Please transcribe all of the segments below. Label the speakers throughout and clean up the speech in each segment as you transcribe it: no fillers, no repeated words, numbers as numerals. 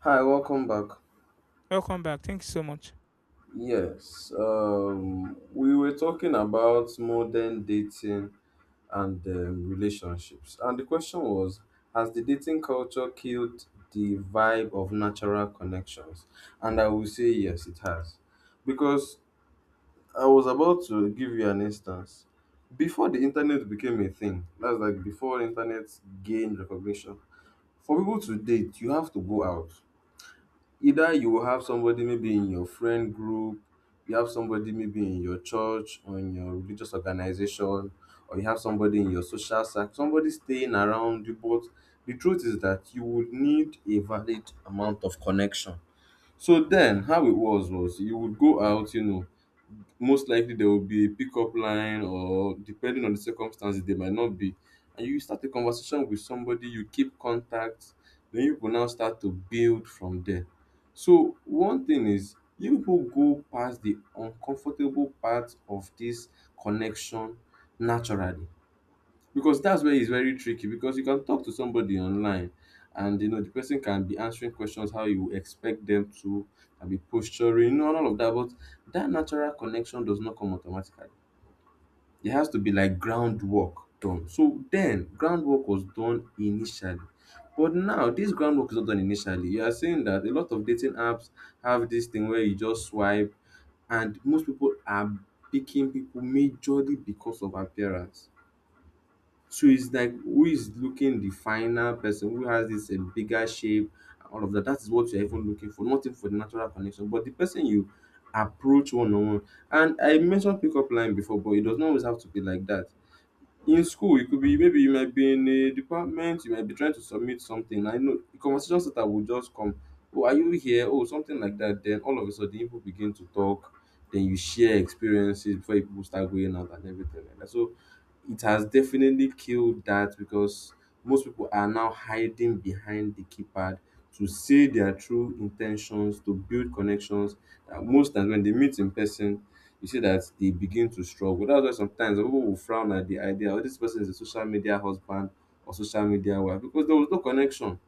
Speaker 1: Hi, welcome back.
Speaker 2: Welcome back. Thank you so much.
Speaker 1: Yes, we were talking about modern dating and relationships. And the question was, has the dating culture killed the vibe of natural connections? And I will say yes, it has. Because I was about to give you an instance. Before the internet became a thing, that's like before internet gained recognition, for people to date, you have to go out. Either you will have somebody maybe in your friend group, you have somebody maybe in your church or in your religious organization, or you have somebody in your social circle, somebody staying around you. But the truth is that you would need a valid amount of connection. So then, how it was you would go out, most likely there will be a pickup line, or depending on the circumstances there might not be, and you start a conversation with somebody, you keep contact, then you will now start to build from there. So one thing is you people go past the uncomfortable part of this connection naturally, because that's where it's very tricky, because you can talk to somebody online and you know the person can be answering questions how you expect them to and be posturing, and all of that, but that natural connection does not come automatically. It has to be like groundwork done. So then groundwork was done initially, but now this groundwork is not done initially. You are saying that a lot of dating apps have this thing where you just swipe, and most people are picking people majorly because of appearance. So it's like who is looking the final person, who has this bigger shape, all of that. That is what you're even looking for, nothing for the natural connection, but the person you approach one on one. And I mentioned pickup line before, but it does not always have to be like that. In school it could be maybe you might be in a department, you might be trying to submit something, I know the conversation starter will just come. Oh, are you here? Oh, something like that. Then all of a sudden people begin to talk, then you share experiences before people start going out and everything like that. So it has definitely killed that, because most people are now hiding behind the keypad to say their true intentions to build connections. Most times when they meet in person, you see that they begin to struggle. That's why sometimes people will frown at the idea. Oh, this person is a social media husband or social media wife because there was no connection.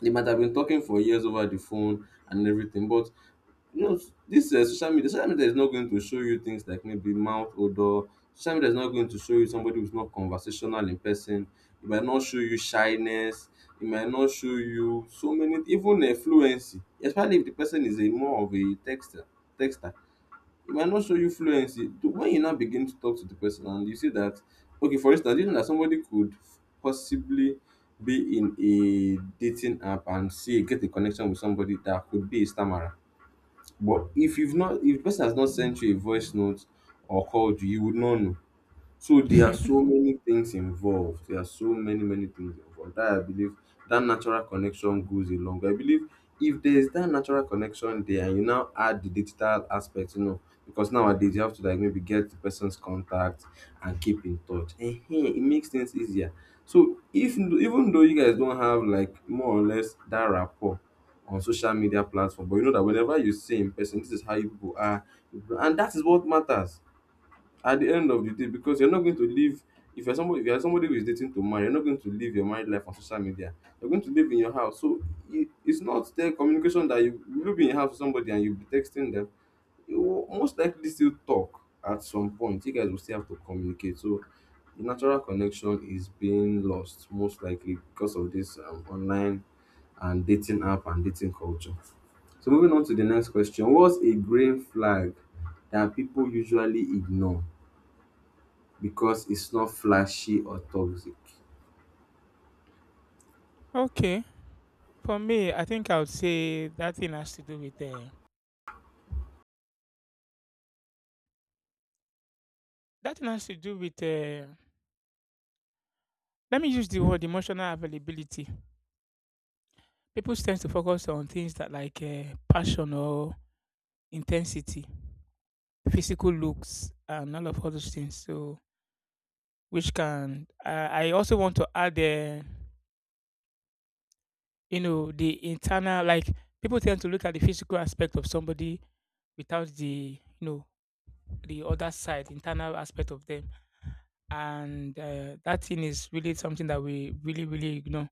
Speaker 1: They might have been talking for years over the phone and everything, but you know, this social media is not going to show you things like maybe mouth odor. Social media is not going to show you somebody who's not conversational in person. It might not show you shyness. It might not show you so many, even fluency, especially if the person is a more of a texter. Texter it might not show you fluency. When you now begin to talk to the person and you see that, okay, for instance, you know that somebody could possibly be in a dating app and see get a connection with somebody that could be a stammerer. But if the person has not sent you a voice note or called you, you would not know. So there are so many things involved. There are so many, many things involved. That I believe that natural connection goes a long way. I believe if there is that natural connection there and you now add the digital aspect, because nowadays you have to like maybe get the person's contact and keep in touch. And it makes things easier. So if even though you guys don't have like more or less that rapport on social media platform, but you know that whenever you see in person, this is how you people are, and that is what matters at the end of the day, because you're not going to live. If you're somebody, who is dating to marry, you're not going to live your married life on social media. You're going to live in your house. So it's not the communication, that you will be in your house with somebody and you'll be texting them. You will most likely still talk. At some point you guys will still have to communicate. So the natural connection is being lost most likely because of this online and dating app and dating culture. So moving on to the next question, what's a green flag that people usually ignore because it's not flashy or toxic?
Speaker 2: Okay, for me, I think I would say that thing has to do with that thing has to do with let me use the word emotional availability. People tend to focus on things that like passion or intensity, physical looks, and all of all those things. So which can I also want to add you know, the internal like people tend to look at the physical aspect of somebody without the you know the other side, internal aspect of them, and that thing is really something that we really really ignore.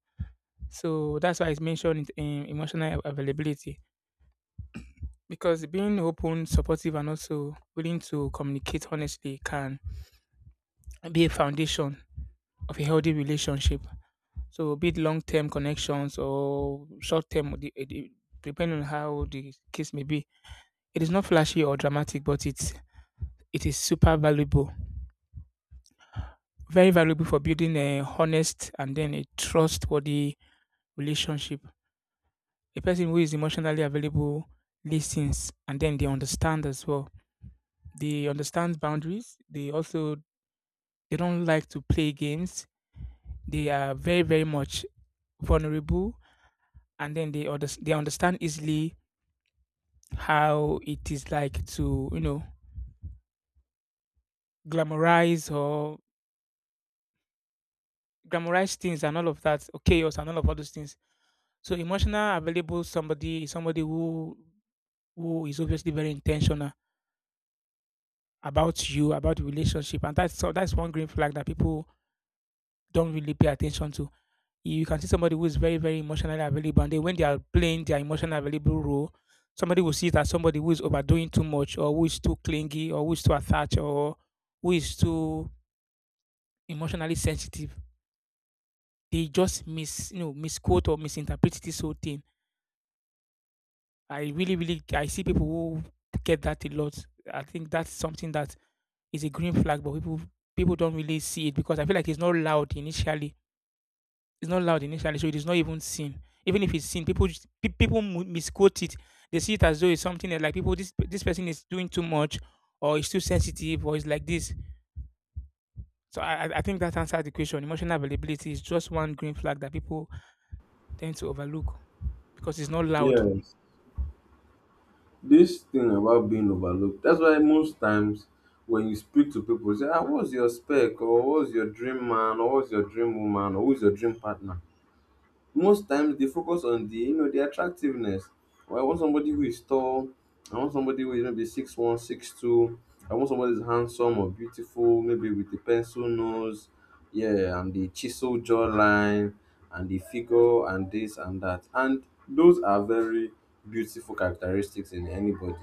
Speaker 2: So that's why it's mentioned in emotional availability, because being open, supportive, and also willing to communicate honestly can be a foundation of a healthy relationship. So be it long term connections or short term, depending on how the case may be. It is not flashy or dramatic, but it is super valuable. Very valuable for building a honest and then a trustworthy relationship. A person who is emotionally available listens and then they understand as well. They understand boundaries. They also they don't like to play games. They are very very much vulnerable, and then they they understand easily how it is like to, you know, glamorize or glamorize things and all of that, or chaos and all of all those things. So emotional available somebody is somebody who is obviously very intentional about you, about the relationship. And that's so that's one green flag that people don't really pay attention to. You can see somebody who is very, very emotionally available. And then when they are playing their emotional available role, somebody will see that somebody who is overdoing too much or who is too clingy or who is too attached or who is too emotionally sensitive. They just mis you know, misquote or misinterpret this whole thing. I really, really I see people who get that a lot. I think that's something that is a green flag, but people don't really see it because I feel like it's not loud initially. It's not loud initially, so it is not even seen. Even if it's seen, people people misquote it. They see it as though it's something that like people this person is doing too much, or it's too sensitive, or it's like this. So I think that answers the question. Emotional availability is just one green flag that people tend to overlook because it's not loud.
Speaker 1: Yes, this thing about being overlooked. That's why most times when you speak to people, say, ah, what's your spec, or what's your dream man, or what's your dream woman, or who's your dream partner? Most times they focus on the you know the attractiveness. Or I want somebody who is tall. I want somebody who is maybe 6'1", 6'2". I want somebody who's handsome or beautiful, maybe with a pencil nose, yeah, and the chisel jawline and the figure and this and that. And those are very beautiful characteristics in anybody.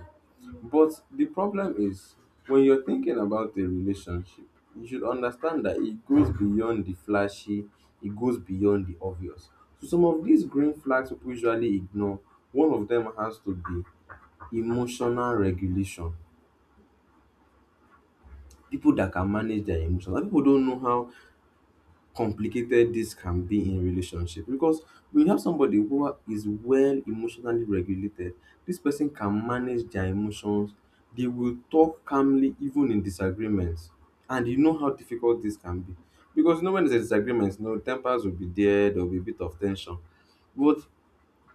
Speaker 1: But the problem is, when you're thinking about a relationship, you should understand that it goes beyond the flashy, it goes beyond the obvious. So some of these green flags people usually ignore, one of them has to be emotional regulation. People that can manage their emotions. And people don't know how complicated this can be in relationship, because when you have somebody who is well emotionally regulated, this person can manage their emotions. They will talk calmly even in disagreements, and you know how difficult this can be, because you know when there's a disagreement, you know tempers will be there, there will be a bit of tension. But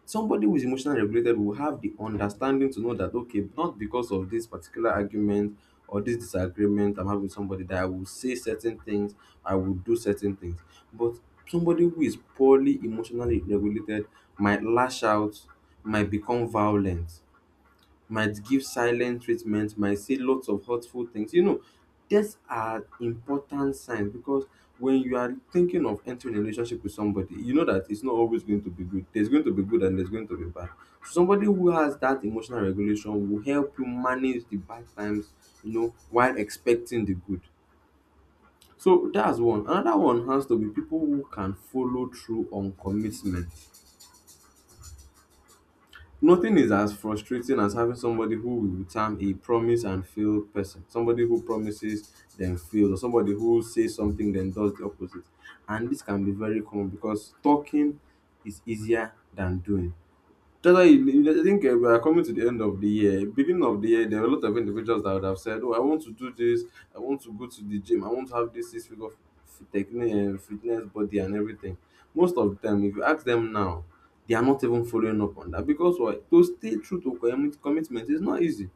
Speaker 1: somebody who is emotionally regulated will have the understanding to know that, okay, not because of this particular argument or this disagreement I'm having with somebody, that I will say certain things, I will do certain things. But somebody who is poorly emotionally regulated might lash out, might become violent, might give silent treatment, might say lots of hurtful things. You know, these are important signs, because when you are thinking of entering a relationship with somebody, you know that it's not always going to be good. There's going to be good and there's going to be bad. Somebody who has that emotional regulation will help you manage the bad times, you know, while expecting the good. So that's one. Another one has to be people who can follow through on commitment. Nothing is as frustrating as having somebody who will term a promise and fail person. Somebody who promises then fails, or somebody who says something then does the opposite. And this can be very common because talking is easier than doing. Generally, you know, I think we are coming to the end of the year. Beginning of the year, there are a lot of individuals that would have said, "Oh, I want to do this. I want to go to the gym. I want to have this six figure technique and fitness body and everything." Most of the time, if you ask them now, they are not even following up on that, because why? To stay true to commitment is not easy.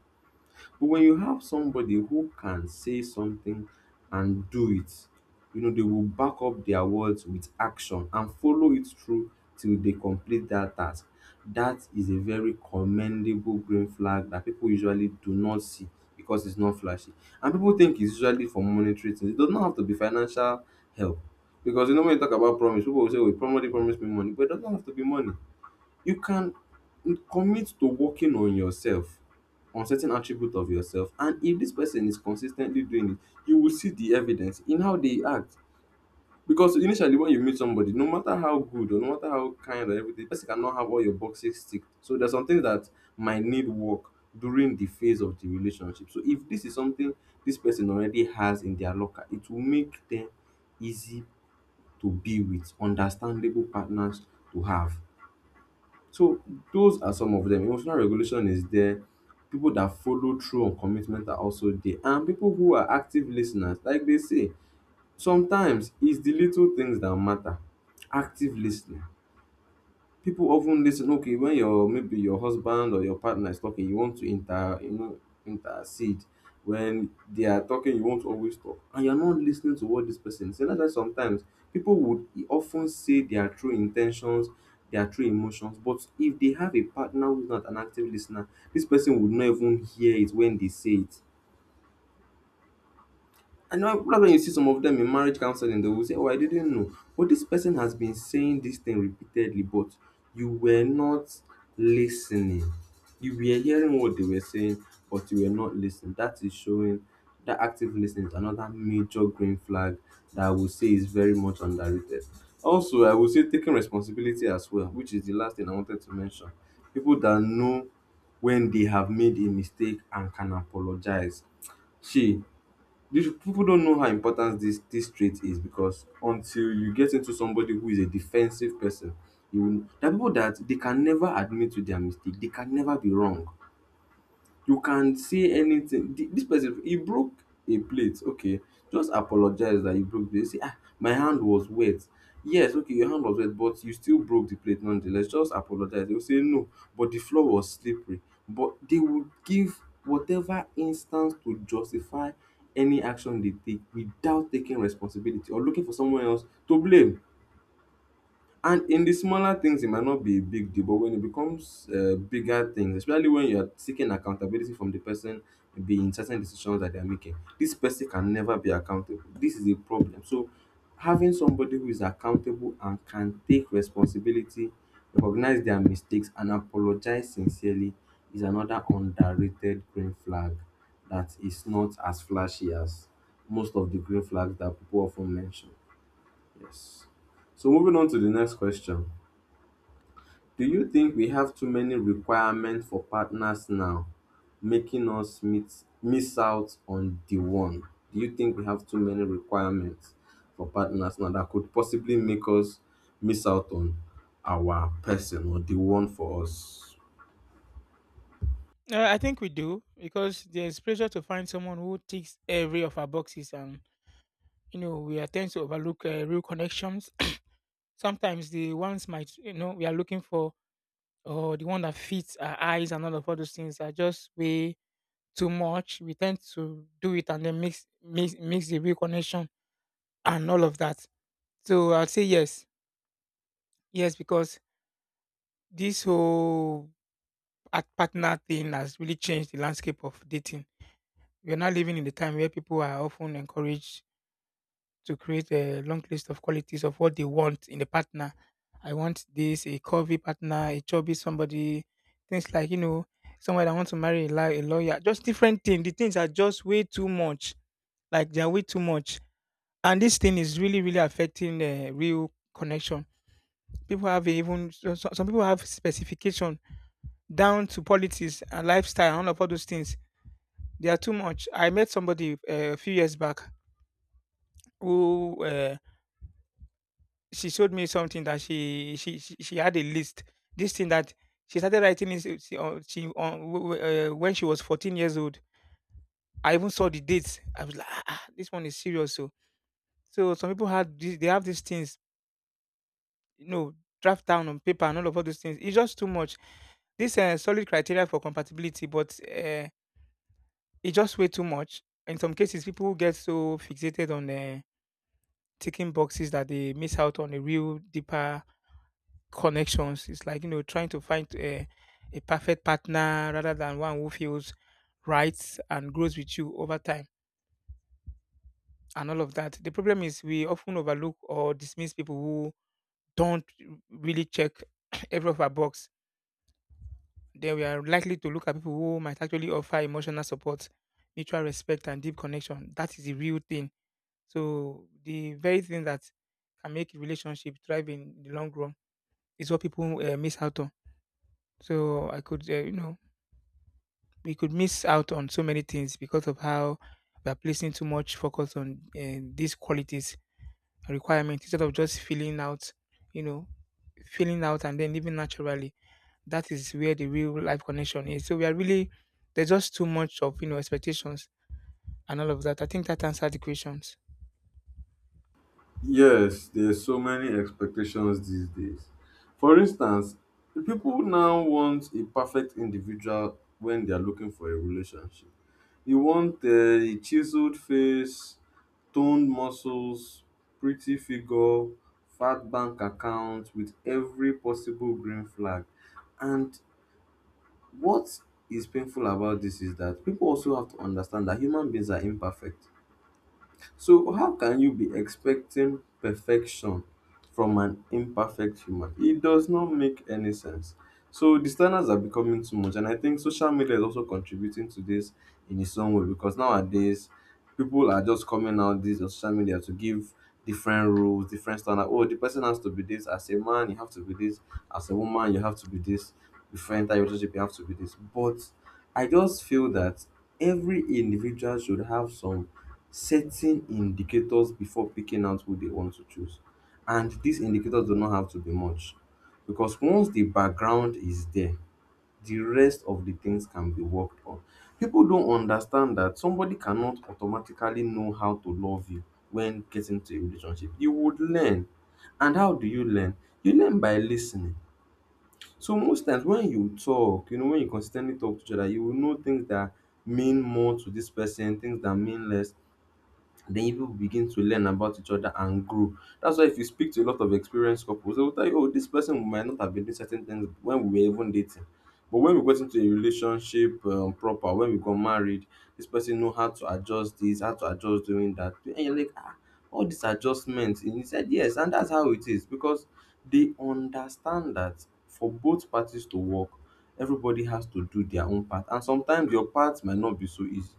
Speaker 1: But when you have somebody who can say something and do it, you know, they will back up their words with action and follow it through till they complete that task. That is a very commendable green flag that people usually do not see because it's not flashy. And people think it's usually for monetary things. It does not have to be financial help. Because you know, when you talk about promise, people will say, oh, somebody promised me money, but it doesn't have to be money. You can commit to working on yourself, on certain attribute of yourself, and if this person is consistently doing it, you will see the evidence in how they act. Because initially, when you meet somebody, no matter how good or no matter how kind or everything, the person cannot have all your boxes ticked. So there's some things that might need work during the phase of the relationship. So if this is something this person already has in their locker, it will make them easy to be with, understandable partners to have. So those are some of them. Emotional regulation is there. People that follow through on commitment are also there. And people who are active lis ten ers, like they say, sometimes it's the little things that matter. Active lis ten ing, people often listen. Okay, when your, maybe your husband or your partner is talking, you want to inter, intercede when they are talking. You want to always talk and you're not listening to what this person is saying. That's why sometimes people would often say their true intentions, their true emotions, but if they have a partner who's not an active listener, this person would not even hear it when they say it. I know probably when you see some of them in marriage counseling, they will say, "Oh, I didn't know." But this person has been saying this thing repeatedly, but you were not listening. You were hearing what they were saying, but you were not listening. That is showing that active listening is another major green flag that I would say is very much underrated. Also, I would say taking responsibility as well, which is the last thing I wanted to mention. People that know when they have made a mistake and can apologize. She These people don't know how important this trait is, because until you get into somebody who is a defensive person, you will, there are people that they can never admit to their mistake, they can never be wrong. You can say anything. This person, he broke a plate. Okay, just apologize that you broke the. Say, "Ah, my hand was wet." Yes, okay, your hand was wet, but you still broke the plate nonetheless. Just apologize. They will say, "No, but the floor was slippery." But they will give whatever instance to justify any action they take without taking responsibility, or looking for someone else to blame. And in the smaller things, it might not be a big deal, but when it becomes bigger things, especially when you're seeking accountability from the person being certain decisions that they're making, this person can never be accountable. This is a problem. So, having somebody who is accountable and can take responsibility, recognize their mistakes, and apologize sincerely is another underrated green flag that is not as flashy as most of the green flags that people often mention. Yes. So, moving on to the next question. Do you think we have too many requirements for partners now, making us meet, miss out on the one? Do you think we have too many requirements for partners now that could possibly make us miss out on our person or the one for us?
Speaker 2: I think we do because there's pressure to find someone who ticks every of our boxes, and you know we are tend to overlook real connections. Sometimes the ones might you know we are looking for, or the one that fits our eyes and all of all those things are just way too much. We tend to do it and then mix the real connection and all of that. So I'll say yes because this whole partner thing has really changed the landscape of dating. We are now living in the time where people are often encouraged to create a long list of qualities of what they want in a partner. I want this, a curvy partner, a chubby somebody, things like, you know, someone that wants to marry a lawyer, just different things. The things are just way too much. Like they're way too much. And this thing is really, really affecting the real connection. People have even, some people have specification down to politics and lifestyle and all of all those things. They are too much. I met somebody a few years back who she showed me something that she had a list. This thing that she started writing is she on when she was 14 years old. I even saw the dates. I was like, ah, ah, this one is serious. So some people had this, they have these things, you know, draft down on paper and all of all those things. It's just too much. This solid criteria for compatibility, but it's just way too much. In some cases, people get so fixated on ticking boxes that they miss out on a real deeper connections. It's like, you know, trying to find a perfect partner rather than one who feels right and grows with you over time and all of that. The problem is we often overlook or dismiss people who don't really check every of our box. Then we are likely to look at people who might actually offer emotional support, mutual respect, and deep connection. That is the real thing. So the very thing that can make relationship thrive in the long run is what people miss out on. So I could, you know, we could miss out on so many things because of how we are placing too much focus on these qualities and requirements instead of just filling out, you know, filling out and then living naturally. That is where the real life connection is. So we are really there's just too much of you know expectations and all of that. I think that answers the questions.
Speaker 1: Yes, there's so many expectations these days. For instance, the people now want a perfect individual when they are looking for a relationship. You want a chiseled face, toned muscles, pretty figure, fat bank account with every possible green flag. And what is painful about this is that people also have to understand that human beings are imperfect. So, how can you be expecting perfection from an imperfect human? It does not make any sense. So, the standards are becoming too much, and I think social media is also contributing to this in its own way, because nowadays people are just coming out these on social media to give different rules, different standards. Oh, the person has to be this. As a man, you have to be this. As a woman, you have to be this. Before you enter your relationship, you have to be this. But I just feel that every individual should have some setting indicators before picking out who they want to choose. And these indicators do not have to be much, because once the background is there, the rest of the things can be worked on. People don't understand that somebody cannot automatically know how to love you when getting to a relationship. You would learn. And how do you learn? You learn by listening. So most times when you talk, you know, when you consistently talk to each other, you will know things that mean more to this person, things that mean less. Then you people begin to learn about each other and grow. That's why if you speak to a lot of experienced couples, they will tell you, oh, this person might not have been doing certain things when we were even dating. But when we got into a relationship proper, when we got married, this person know how to adjust this, how to adjust doing that. And you're like, "Ah, all these adjustments." And he said, yes, and that's how it is, because they understand that for both parties to work, everybody has to do their own part. And sometimes your part might not be so easy.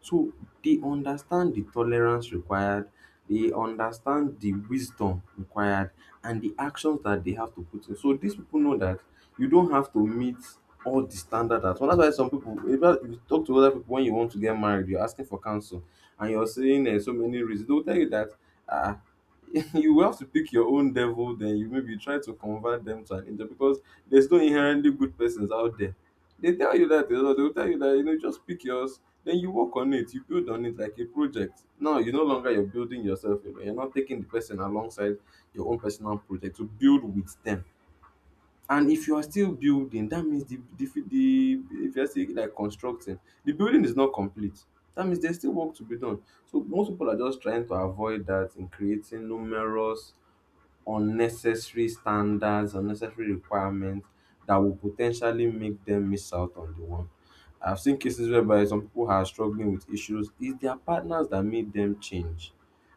Speaker 1: So they understand the tolerance required, they understand the wisdom required, and the actions that they have to put in. So these people know that you don't have to meet all the standard at once. That's why some people, if you talk to other people when you want to get married, you're asking for counsel and you're saying so many reasons. They'll tell you that uh, you will have to pick your own devil, then you maybe try to convert them to an angel, because there's no inherently good persons out there. They tell you that, you know, they'll tell you that, you know, just pick yours, then you work on it, you build on it like a project. Now you no longer, you're building yourself alone, you're not taking the person alongside your own personal project to build with them. And if you are still building, that means the, if you're still like constructing, the building is not complete, that means there's still work to be done. So most people are just trying to avoid that in creating numerous unnecessary standards, unnecessary requirements that will potentially make them miss out on the one. I've seen cases whereby some people are struggling with issues. It's their partners that made them change.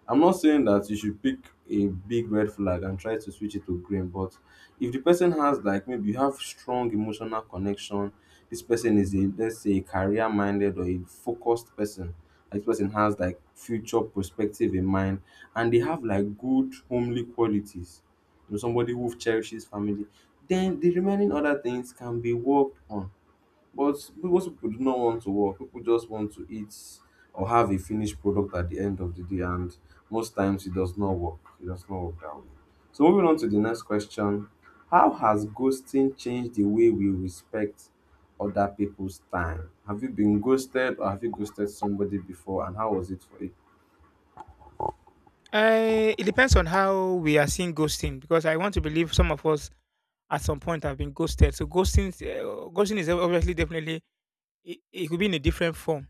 Speaker 1: I'm not saying that you should pick a big red flag and try to switch it to green, but if the person has like, maybe you have strong emotional connection, this person is a, let's say a career minded or a focused person, like this person has like future perspective in mind, and they have like good homely qualities. You know, somebody who cherishes family. Then the remaining other things can be worked on. But most people do not want to work. People just want to eat or have a finished product at the end of the day, and most times it does not work. It does not work that way. So moving on to the next question. How has ghosting changed the way we respect other people's time? Have you been ghosted, or have you ghosted somebody before, and how was it for you?
Speaker 2: It depends on how we are seeing ghosting because I want to believe some of us at some point have been ghosted. So ghosting is obviously definitely it could be in a different form.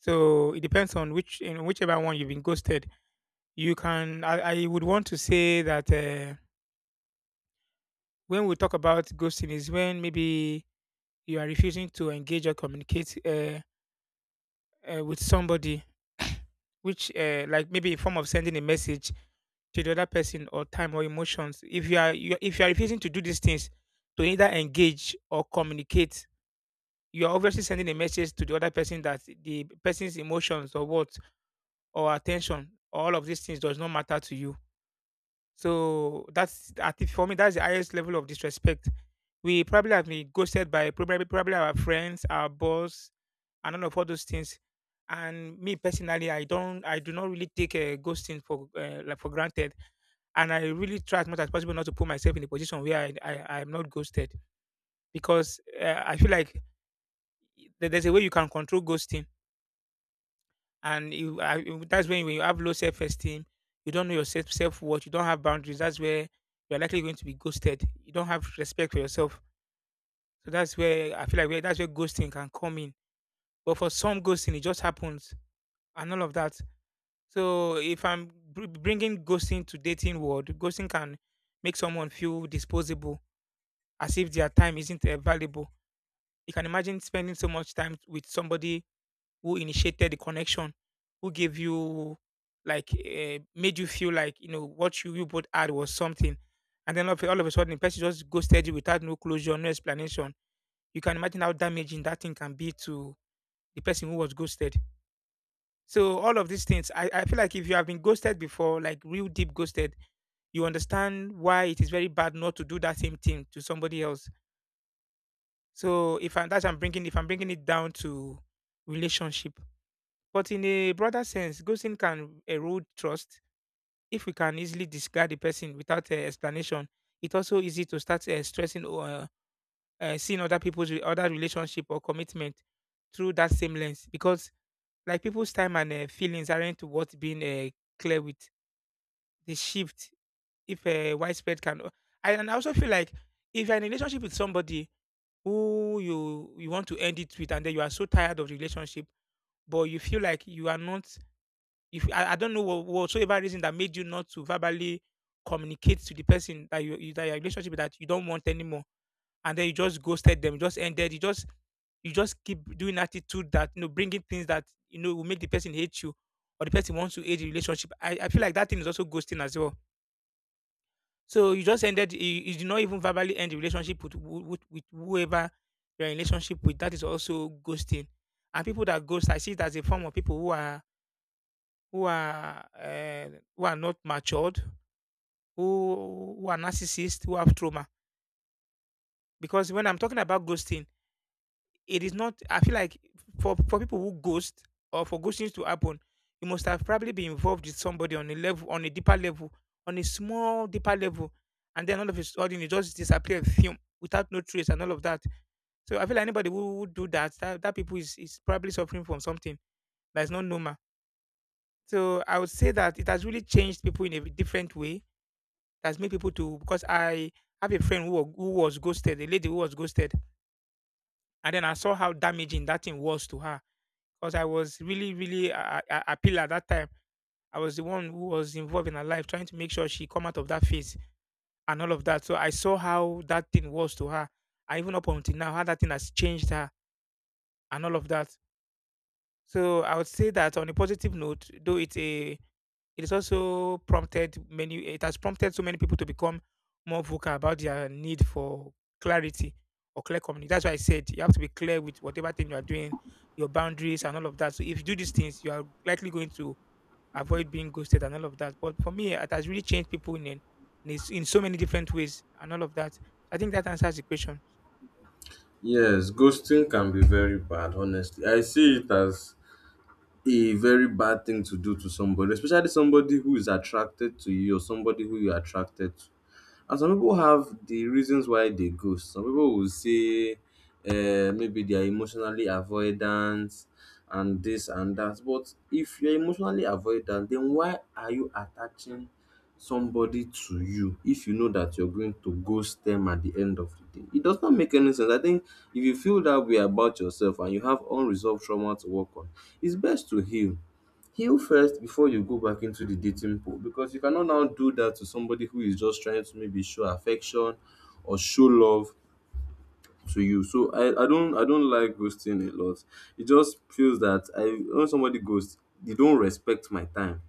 Speaker 2: So it depends on which in whichever one you've been ghosted. You can I would want to say that when we talk about ghosting is when maybe you are refusing to engage or communicate with somebody, which like maybe a form of sending a message to the other person or time or emotions. If you are if you are refusing to do these things to either engage or communicate, you are obviously sending a message to the other person that the person's emotions or what or attention, all of these things does not matter to you. So that's I think for me that's the highest level of disrespect. We probably have been ghosted by probably our friends, our boss, and all of all those things. And me personally, I do not really take a ghosting for like for granted, and I really try as much as possible not to put myself in a position where I am not ghosted because I feel like there's a way you can control ghosting and you that's when you have low self esteem, you don't know your self worth, you don't have boundaries. That's where you're likely going to be ghosted. You don't have respect for yourself. So that's where I feel like where that's where ghosting can come in. But for some ghosting, it just happens and all of that. So if I'm bringing ghosting to dating world, ghosting can make someone feel disposable, as if their time isn't valuable. You can imagine spending so much time with somebody who initiated the connection, who gave you like made you feel like you know what you both had was something, and then all of a sudden the person just ghosted you without no closure, no explanation. You can imagine how damaging that thing can be to the person who was ghosted. So all of these things, I feel like if you have been ghosted before, like real deep ghosted, you understand why it is very bad not to do that same thing to somebody else. So if I, that's I'm bringing if I'm bringing it down to relationship. But in a broader sense, ghosting can erode trust if we can easily discard the person without explanation. It's also easy to start stressing or seeing other people's other relationship or commitment through that same lens because like people's time and feelings aren't worth being clear with. The shift, if widespread, can I, and I also feel like if you're in a relationship with somebody who you want to end it with, and then you are so tired of the relationship, but you feel like you are not If I, I don't know what whatsoever reason that made you not to verbally communicate to the person that you that your relationship that you don't want anymore, and then you just ghosted them, you just keep doing attitude that you know bringing things that you know will make the person hate you or the person wants to hate the relationship. I feel like that thing is also ghosting as well. So you just ended you did not even verbally end the relationship with, with whoever you're in relationship with. That is also ghosting. And people that ghost, I see it as a form of people who are who are uh, who are not matured, who are narcissists, who have trauma. Because when I'm talking about ghosting, it is not. I feel like for people who ghost or for ghosting to happen, you must have probably been involved with somebody on a level, on a deeper level, on a small deeper level, and then all of a sudden you just disappear, fume, without no trace and all of that. So I feel like anybody who would do that, that people is probably suffering from something that is not normal. So I would say that it has really changed people in a different way that's made people to because I have a friend who, who was ghosted, a lady who was ghosted, and then I saw how damaging that thing was to her because I was really, really a pillar at that time. I was the one who was involved in her life, trying to make sure she come out of that phase and all of that. So I saw how that thing was to her, and even up until now, how that thing has changed her and all of that. So I would say that on a positive note, though it's a It is also prompted many it has prompted so many people to become more vocal about their need for clarity or clear communication. That's why I said you have to be clear with whatever thing you are doing, your boundaries and all of that. So if you do these things, you are likely going to avoid being ghosted and all of that. But for me, it has really changed people in so many different ways and all of that. I think that answers the question.
Speaker 1: Yes, ghosting can be very bad, honestly. I see it as a very bad thing to do to somebody, especially somebody who is attracted to you or somebody who you're attracted to. And some people have the reasons why they ghost. Some people will say maybe they are emotionally avoidant and this and that. But if you're emotionally avoidant, then why are you attaching somebody to you if you know that you're going to ghost them at the end of the day? It does not make any sense. I think if you feel that way about yourself and you have unresolved trauma to work on, it's best to heal first before you go back into the dating pool, because you cannot now do that to somebody who is just trying to maybe show affection or show love to you. So I don't like ghosting a lot. It just feels that I, when somebody ghosts, they don't respect my time.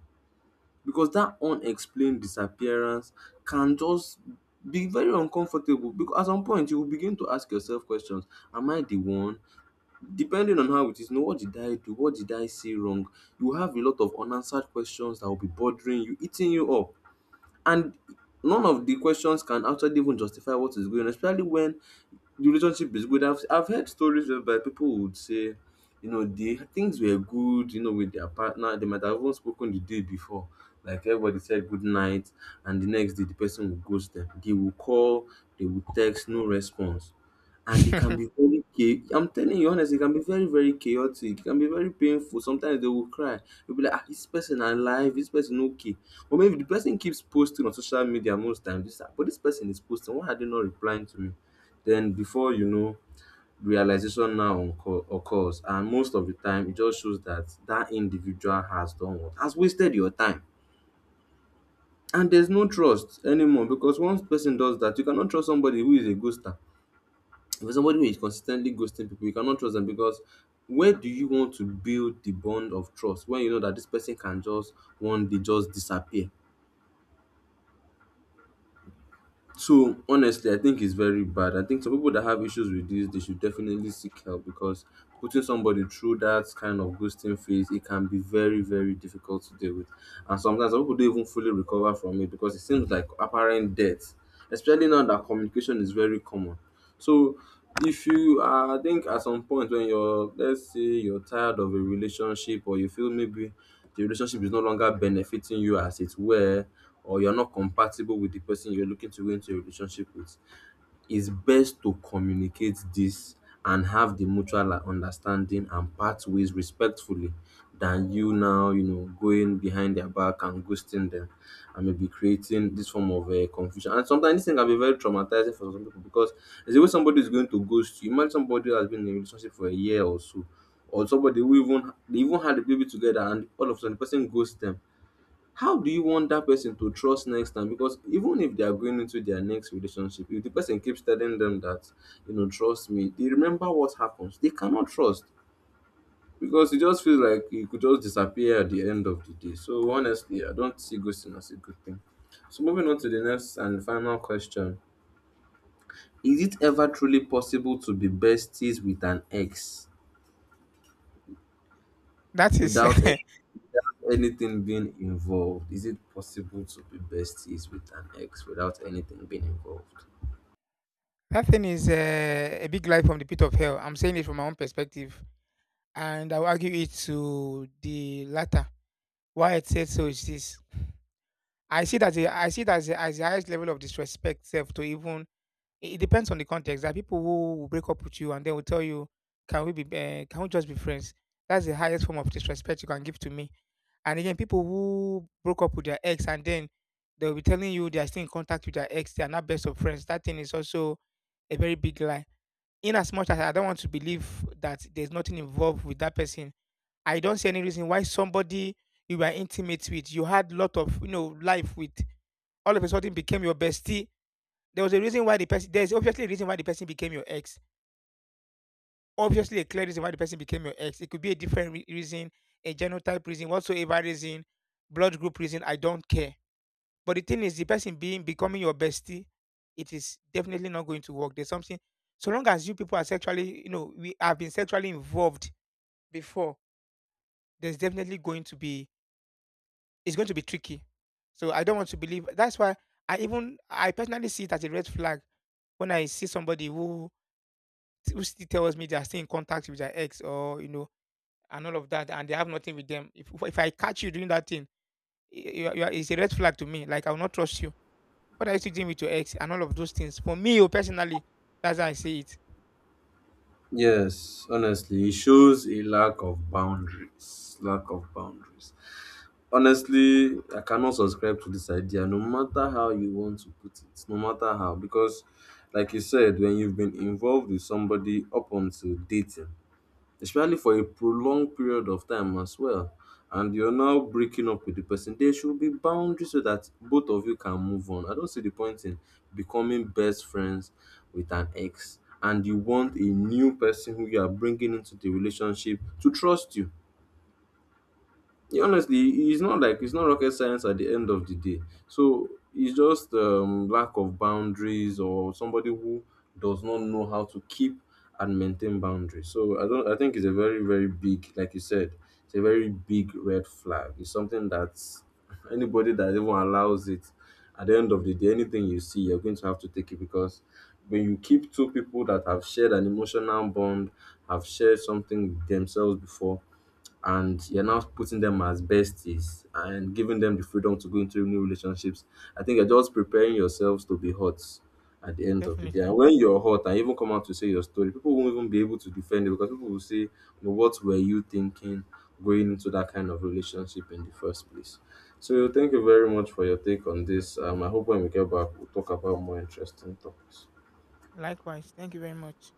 Speaker 1: Because that unexplained disappearance can just be very uncomfortable, because at some point you will begin to ask yourself questions. Am I the one? Depending on how it is, you know, what did I do? What did I say wrong? You have a lot of unanswered questions that will be bothering you, eating you up, and none of the questions can actually even justify what is going on, especially when the relationship is good. I've heard stories whereby people would say, you know, the things were good, you know, with their partner, they might have even spoken the day before, like everybody said good night, and the next day the person will ghost them. They will call, they will text, no response. And it can be very I'm telling you honestly, it can be very, very chaotic, it can be very painful, sometimes they will cry. You'll be like, ah, this person alive, this person okay? Or maybe the person keeps posting on social media most times. This, but this person is posting. Why are they not replying to me? Then before you know, realization now occurs, and most of the time, it just shows that that individual has done what has wasted your time. And there's no trust anymore because once person does that, you cannot trust somebody who is a ghoster. If somebody who is consistently ghosting people, you cannot trust them because where do you want to build the bond of trust when you know that this person can just one day just disappear? So honestly, I think it's very bad. I think some people that have issues with this, they should definitely seek help because putting somebody through that kind of ghosting phase, it can be very, very difficult to deal with. And sometimes some people don't even fully recover from it because it seems like apparent death, especially now that communication is very common. So if you are, I think at some point when you're, let's say you're tired of a relationship or you feel maybe the relationship is no longer benefiting you as it were, or you're not compatible with the person you're looking to go into a relationship with, it's best to communicate this and have the mutual understanding and part ways respectfully than you going behind their back and ghosting them and maybe creating this form of confusion. And sometimes this thing can be very traumatizing for some people because there's a way somebody is going to ghost you. Imagine somebody who has been in a relationship for a year or so, or somebody who even they even had a baby together, and all of a sudden the person ghosts them. How do you want that person to trust next time? Because even if they are going into their next relationship, if the person keeps telling them that, trust me, they remember what happens. They cannot trust because it just feels like you could just disappear at the end of the day. So honestly, I don't see ghosting as a good thing. So moving on to the next and final question: is it ever truly possible to be besties with an ex
Speaker 2: That is
Speaker 1: without
Speaker 2: that
Speaker 1: anything being involved? Is it possible to be besties with an ex without anything being involved?
Speaker 2: thing is a big lie from the pit of hell. I'm saying it from my own perspective, and I'll argue it to the latter. Why I said so is this: I see that as the highest level of disrespect self to even it depends on the context. There are people who will break up with you and they will tell you, "Can we be? Can we just be friends?" That's the highest form of disrespect you can give to me. And again, people who broke up with their ex and then they will be telling you they are still in contact with their ex, they are not best of friends. That thing is also a very big lie. In as much as I don't want to believe that there's nothing involved with that person, I don't see any reason why somebody you were intimate with, you had lot of you know life with, all of a sudden became your bestie. There was a reason why the person. There is obviously a reason why the person became your ex. Obviously, a clear reason why the person became your ex. It could be a different reason, a genotype reason, whatsoever reason, blood group reason. I don't care. But the thing is, the person being becoming your bestie, it is definitely not going to work. There's something. So long as you people are sexually, you know, we have been sexually involved before, there's definitely going to be it's going to be tricky. So I don't want to believe. That's why I personally see it as a red flag when I see somebody who still tells me they are still in contact with their ex or you know and all of that, and they have nothing with them. If I catch you doing that thing, it's a red flag to me. Like I will not trust you. What are you still doing with your ex and all of those things? For me, oh, personally, that's how I see it.
Speaker 1: Yes, honestly, it shows a lack of boundaries. Lack of boundaries. Honestly, I cannot subscribe to this idea, no matter how you want to put it, no matter how, because, like you said, when you've been involved with somebody up until dating, especially for a prolonged period of time as well. And you're now breaking up with the person. There should be boundaries so that both of you can move on. I don't see the point in becoming best friends with an ex and you want a new person who you are bringing into the relationship to trust you. Yeah, honestly, it's not, like, it's not rocket science at the end of the day. So it's just lack of boundaries or somebody who does not know how to keep and maintain boundaries. So I don't. I think it's a very big, like you said, it's a very big red flag. It's something that anybody that even allows it, at the end of the day, anything you see, you're going to have to take it, because when you keep two people that have shared an emotional bond, have shared something with themselves before, and you're now putting them as besties and giving them the freedom to go into new relationships, I think you're just preparing yourselves to be hot at the end of the day. And
Speaker 2: Definitely.
Speaker 1: when you're hot and you even come out to say your story, people won't even be able to defend it, because people will say, well, what were you thinking going into that kind of relationship in the first place? So, thank you very much for your take on this. I hope when we get back, we'll talk about more interesting topics.
Speaker 2: Likewise, thank you very much.